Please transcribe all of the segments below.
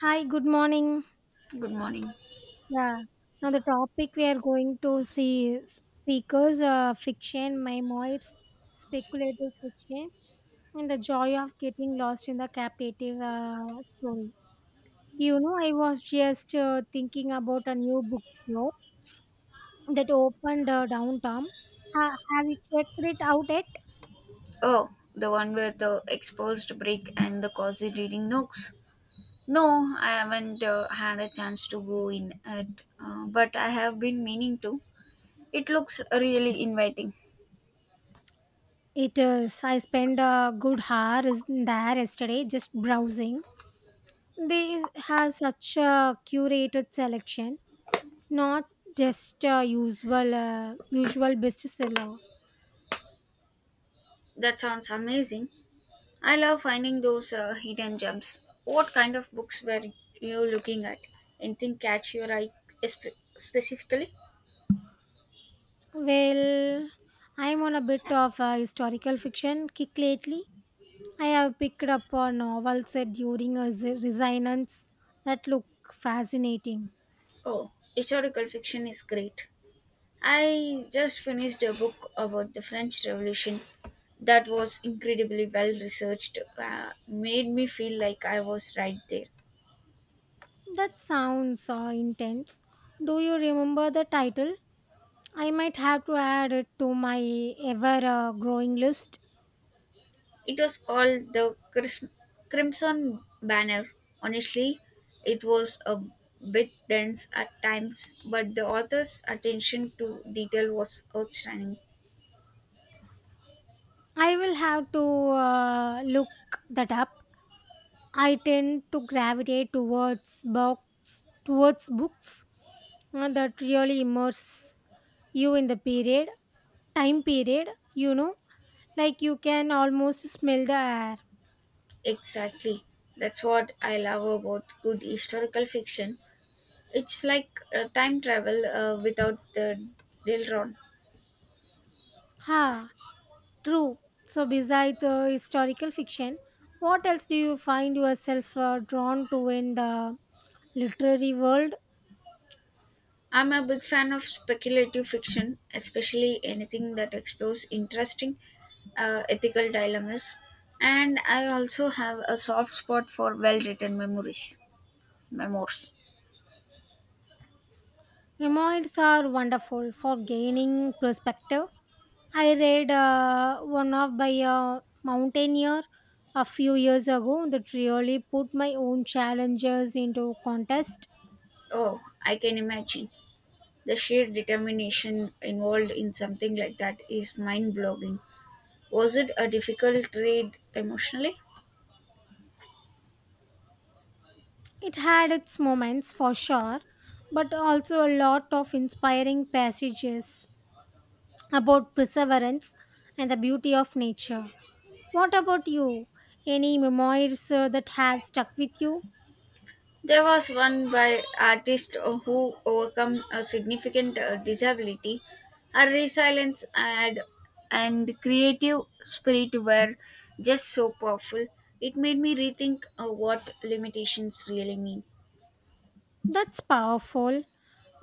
Hi, good morning. Good morning. Yeah. Now the topic we are going to see is speakers, fiction, memoirs, speculative fiction, and the joy of getting lost in the captive story. You know, I was just thinking about a new bookstore that opened downtown. Have you checked it out yet? Oh, the one with the exposed brick and the cozy reading nooks. No, I haven't had a chance to go in it, but I have been meaning to. It looks really inviting. It is. I spent a good hour there yesterday just browsing. They have such a curated selection not just a usual usual bestseller. That sounds amazing. I love finding those hidden gems. What kind of books were you looking at? Anything catch your eye specifically? Well, I'm on a bit of a historical fiction kick lately. I have picked up a novel set during a resonance that look fascinating. Oh, historical fiction is great. I just finished a book about the French Revolution that was incredibly well researched, made me feel like I was right there. That sounds intense. Do you remember the title? I might have to add it to my ever growing list. It was called The Crimson Banner. Honestly, it was a bit dense at times, but the author's attention to detail was outstanding. I will have to look that up. I tend to gravitate towards books that really immerse you in the time period. You know, like you can almost smell the air. Exactly. That's what I love about good historical fiction. It's like time travel without the Delron. Ha, true. So besides historical fiction, what else do you find yourself drawn to in the literary world? I'm a big fan of speculative fiction, especially anything that explores interesting ethical dilemmas. And I also have a soft spot for memoirs. Memoirs are wonderful for gaining perspective. I read one of by a mountaineer a few years ago that really put my own challenges into contest. Oh, I can imagine. The sheer determination involved in something like that is mind-blowing. Was it a difficult read emotionally? It had its moments for sure, but also a lot of inspiring passages about perseverance and the beauty of nature. What about you? Any memoirs that have stuck with you? There was one by artist who overcome a significant disability. Her resilience and creative spirit were just so powerful. It made me rethink what limitations really mean. That's powerful.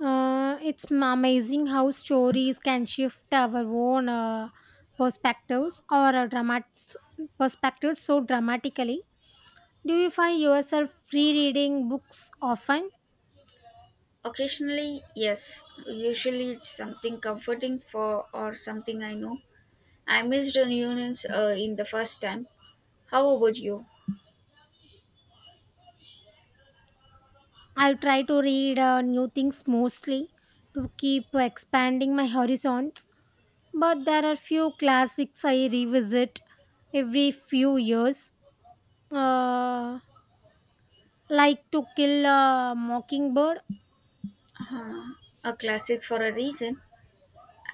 It's amazing how stories can shift our own perspectives or uh, dramat- perspectives so dramatically. Do you find yourself rereading books often? Occasionally, yes. Usually, it's something comforting for or something I know. I missed reunions in the first time. How about you? I try to read new things mostly to keep expanding my horizons, but there are few classics I revisit every few years, uh, like To Kill a Mockingbird. Uh, a classic for a reason.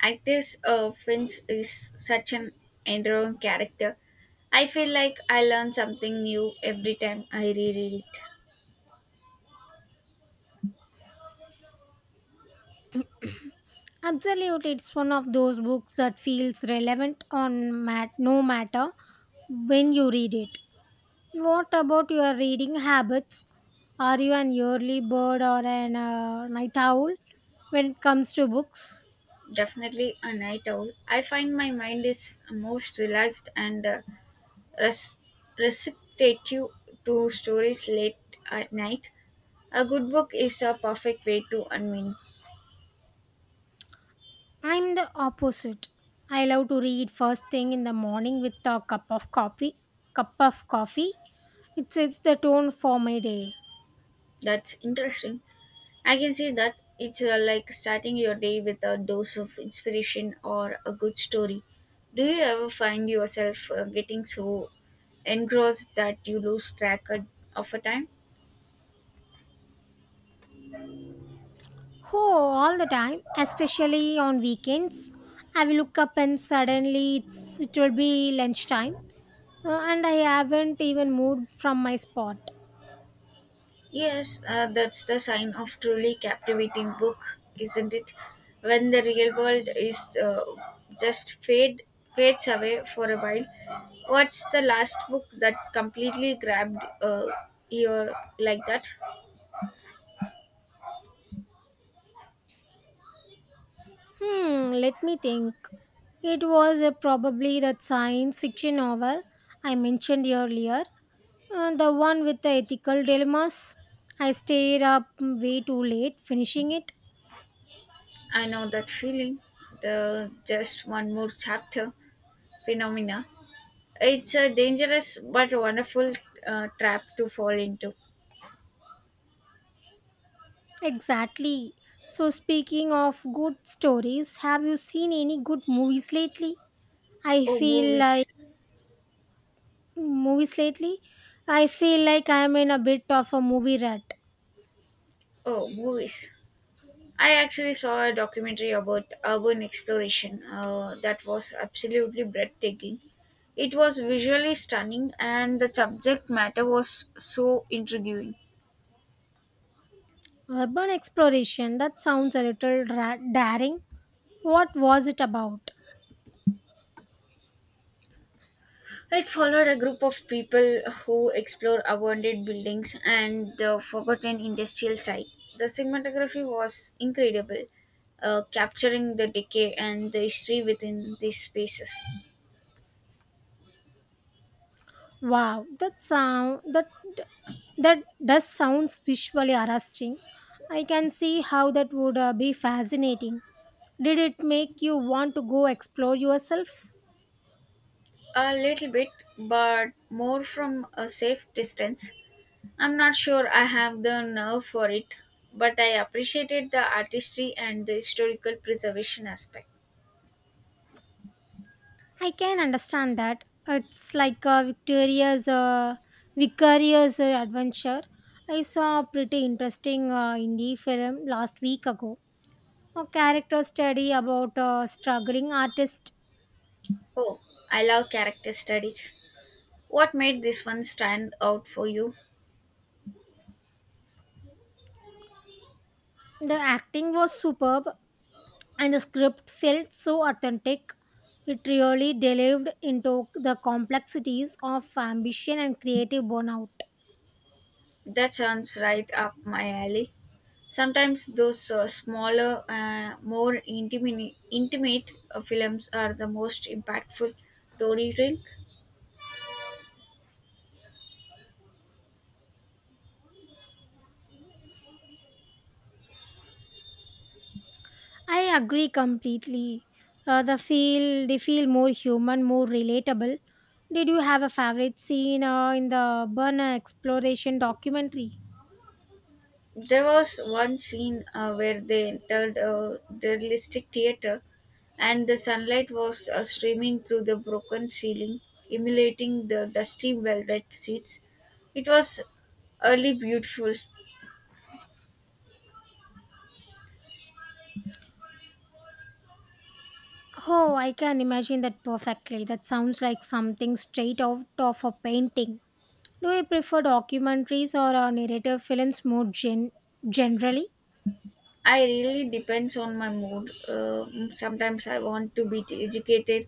Actress Vince is such an endearing character. I feel like I learn something new every time I reread it. Absolutely, it's one of those books that feels relevant on no matter when you read it. What about your reading habits? Are you an early bird or an night owl when it comes to books? Definitely a night owl. I find my mind is most relaxed and res- receptive to stories late at night. A good book is a perfect way to unwind. I'm the opposite. I love to read first thing in the morning with a cup of coffee. Cup of coffee. It sets the tone for my day. That's interesting. I can see that it's like starting your day with a dose of inspiration or a good story. Do you ever find yourself getting so engrossed that you lose track of a time? Oh, all the time, especially on weekends. I will look up and suddenly it will be lunchtime, and I haven't even moved from my spot. Yes, that's the sign of truly captivating book, isn't it? When the real world is just fades away for a while. What's the last book that completely grabbed your like that? Hmm, let me think. It was probably that science fiction novel I mentioned earlier, the one with the ethical dilemmas. I stayed up way too late finishing it. I know that feeling, the just one more chapter phenomena. It's a dangerous but wonderful trap to fall into. Exactly. So, speaking of good stories, have you seen any good movies lately? I Oh, feel I movies. movies lately, I feel like I'm in a bit of a movie rat. Oh, movies. I actually saw a documentary about urban exploration that was absolutely breathtaking. It was visually stunning and the subject matter was so intriguing. Urban exploration, that sounds a little daring. What was it about? It followed a group of people who explore abandoned buildings and the forgotten industrial site. The cinematography was incredible, capturing the decay and the history within these spaces. Wow, that that does sounds visually arresting. I can see how that would be fascinating. Did it make you want to go explore yourself? A little bit, but more from a safe distance. I'm not sure I have the nerve for it, but I appreciated the artistry and the historical preservation aspect. I can understand that. It's like a vicarious adventure. I saw a pretty interesting indie film last week ago. A character study about a struggling artist. Oh, I love character studies. What made this one stand out for you? The acting was superb, and the script felt so authentic. It really delved into the complexities of ambition and creative burnout. That sounds right up my alley. Sometimes those smaller, intimate films are the most impactful, don't you think? I agree completely. They feel more human, more relatable. Did you have a favorite scene in the Burner exploration documentary? There was one scene where they entered a realistic theater and the sunlight was streaming through the broken ceiling, emulating the dusty velvet seats. It was early beautiful. Oh, I can imagine that perfectly. That sounds like something straight out of a painting. Do you prefer documentaries or narrative films more generally? I really depends on my mood. Sometimes I want to be educated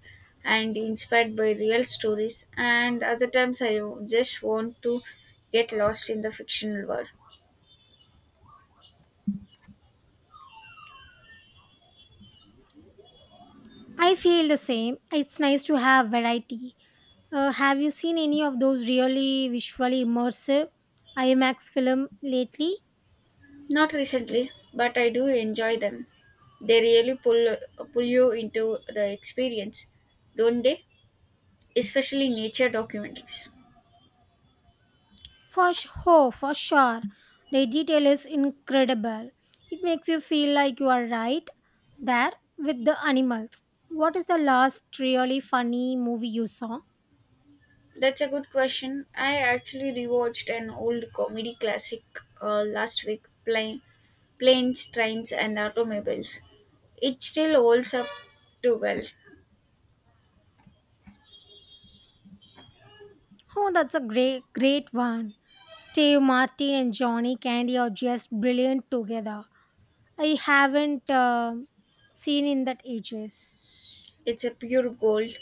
and inspired by real stories, and other times I just want to get lost in the fictional world. I feel the same. It's nice to have variety. Have you seen any of those really visually immersive IMAX film lately? Not recently, but I do enjoy them. They really pull you into the experience, don't they? Especially nature documentaries. For sure, for sure. The detail is incredible. It makes you feel like you are right there with the animals. What is the last really funny movie you saw? That's a good question. I actually rewatched an old comedy classic last week, Planes, Trains, and Automobiles. It still holds up too well. Oh, that's a great, great one. Steve Martin and Johnny Candy are just brilliant together. I haven't seen in that ages. It's a pure gold.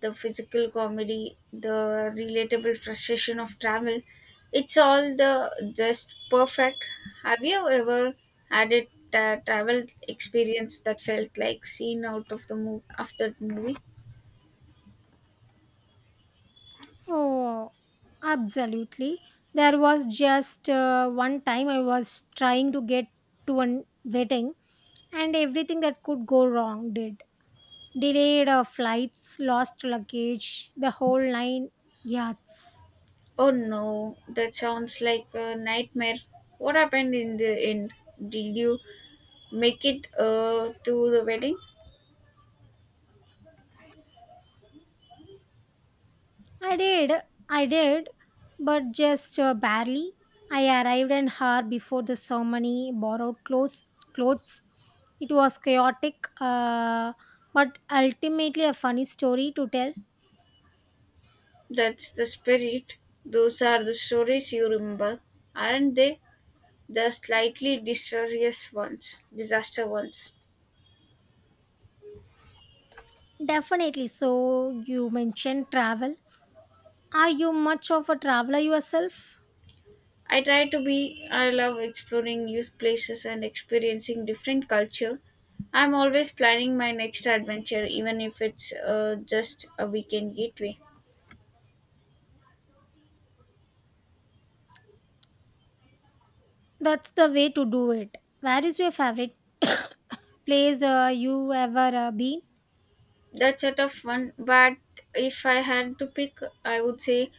The physical comedy, the relatable frustration of travel, it's all the just perfect. Have you ever had a travel experience that felt like scene out of the movie after the movie? Oh, absolutely. There was just one time I was trying to get to a wedding and everything that could go wrong did. Delayed flights, lost luggage, the whole nine yards. Oh no, that sounds like a nightmare. What happened in the end? Did you make it to the wedding? I did, I did, but just barely. I arrived an hour before the ceremony, borrowed clothes. Clothes. It was chaotic, but ultimately a funny story to tell. That's the spirit. Those are the stories you remember, aren't they? The slightly disastrous ones. Disaster ones. Definitely. So, you mentioned travel. Are you much of a traveler yourself? I try to be. I love exploring new places and experiencing different culture. I'm always planning my next adventure, even if it's just a weekend gateway. That's the way to do it. Where is your favorite place you ever been? That's a tough one, but if I had to pick, I would say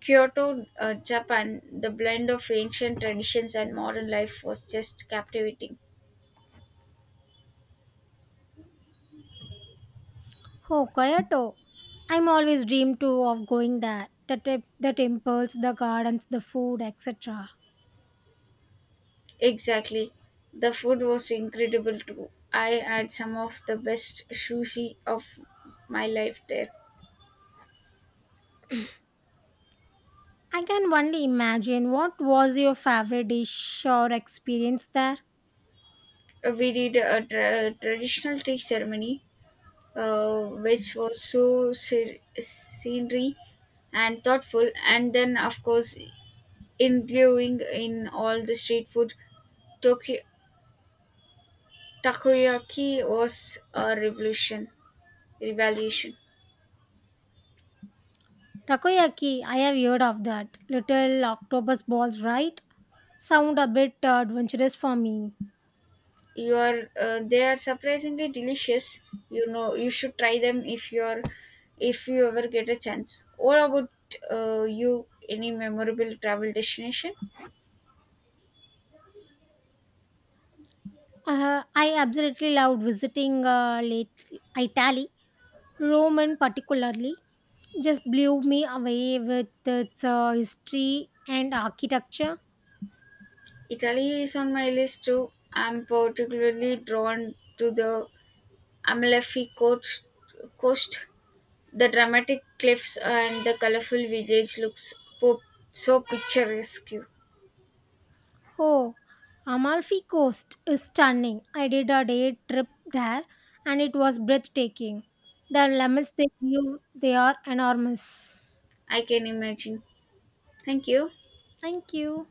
Kyoto, Japan. The blend of ancient traditions and modern life was just captivating. Oh, Kyoto. I'm always dreamed too of going there. The, tip, the temples, the gardens, the food, etc. Exactly. The food was incredible too. I had some of the best sushi of my life there. I can only imagine what was your favorite dish or experience there. We did a traditional tea ceremony, uh, which was so scenery and thoughtful. And then, of course, enduring in all the street food. Tokyo, takoyaki was a revolution. Takoyaki, I have heard of that. Little octopus balls, right? Sound a bit adventurous for me. You are they are surprisingly delicious. You know you should try them if you ever get a chance. What about you? Any memorable travel destination? I absolutely loved visiting late Italy, Rome in particularly. Just blew me away with its history and architecture. Italy is on my list too. I'm particularly drawn to the Amalfi coast. The dramatic cliffs and the colorful village looks po- so picturesque. Oh, Amalfi Coast is stunning. I did a day trip there and it was breathtaking. The lemons they give, they are enormous. I can imagine. Thank you. Thank you.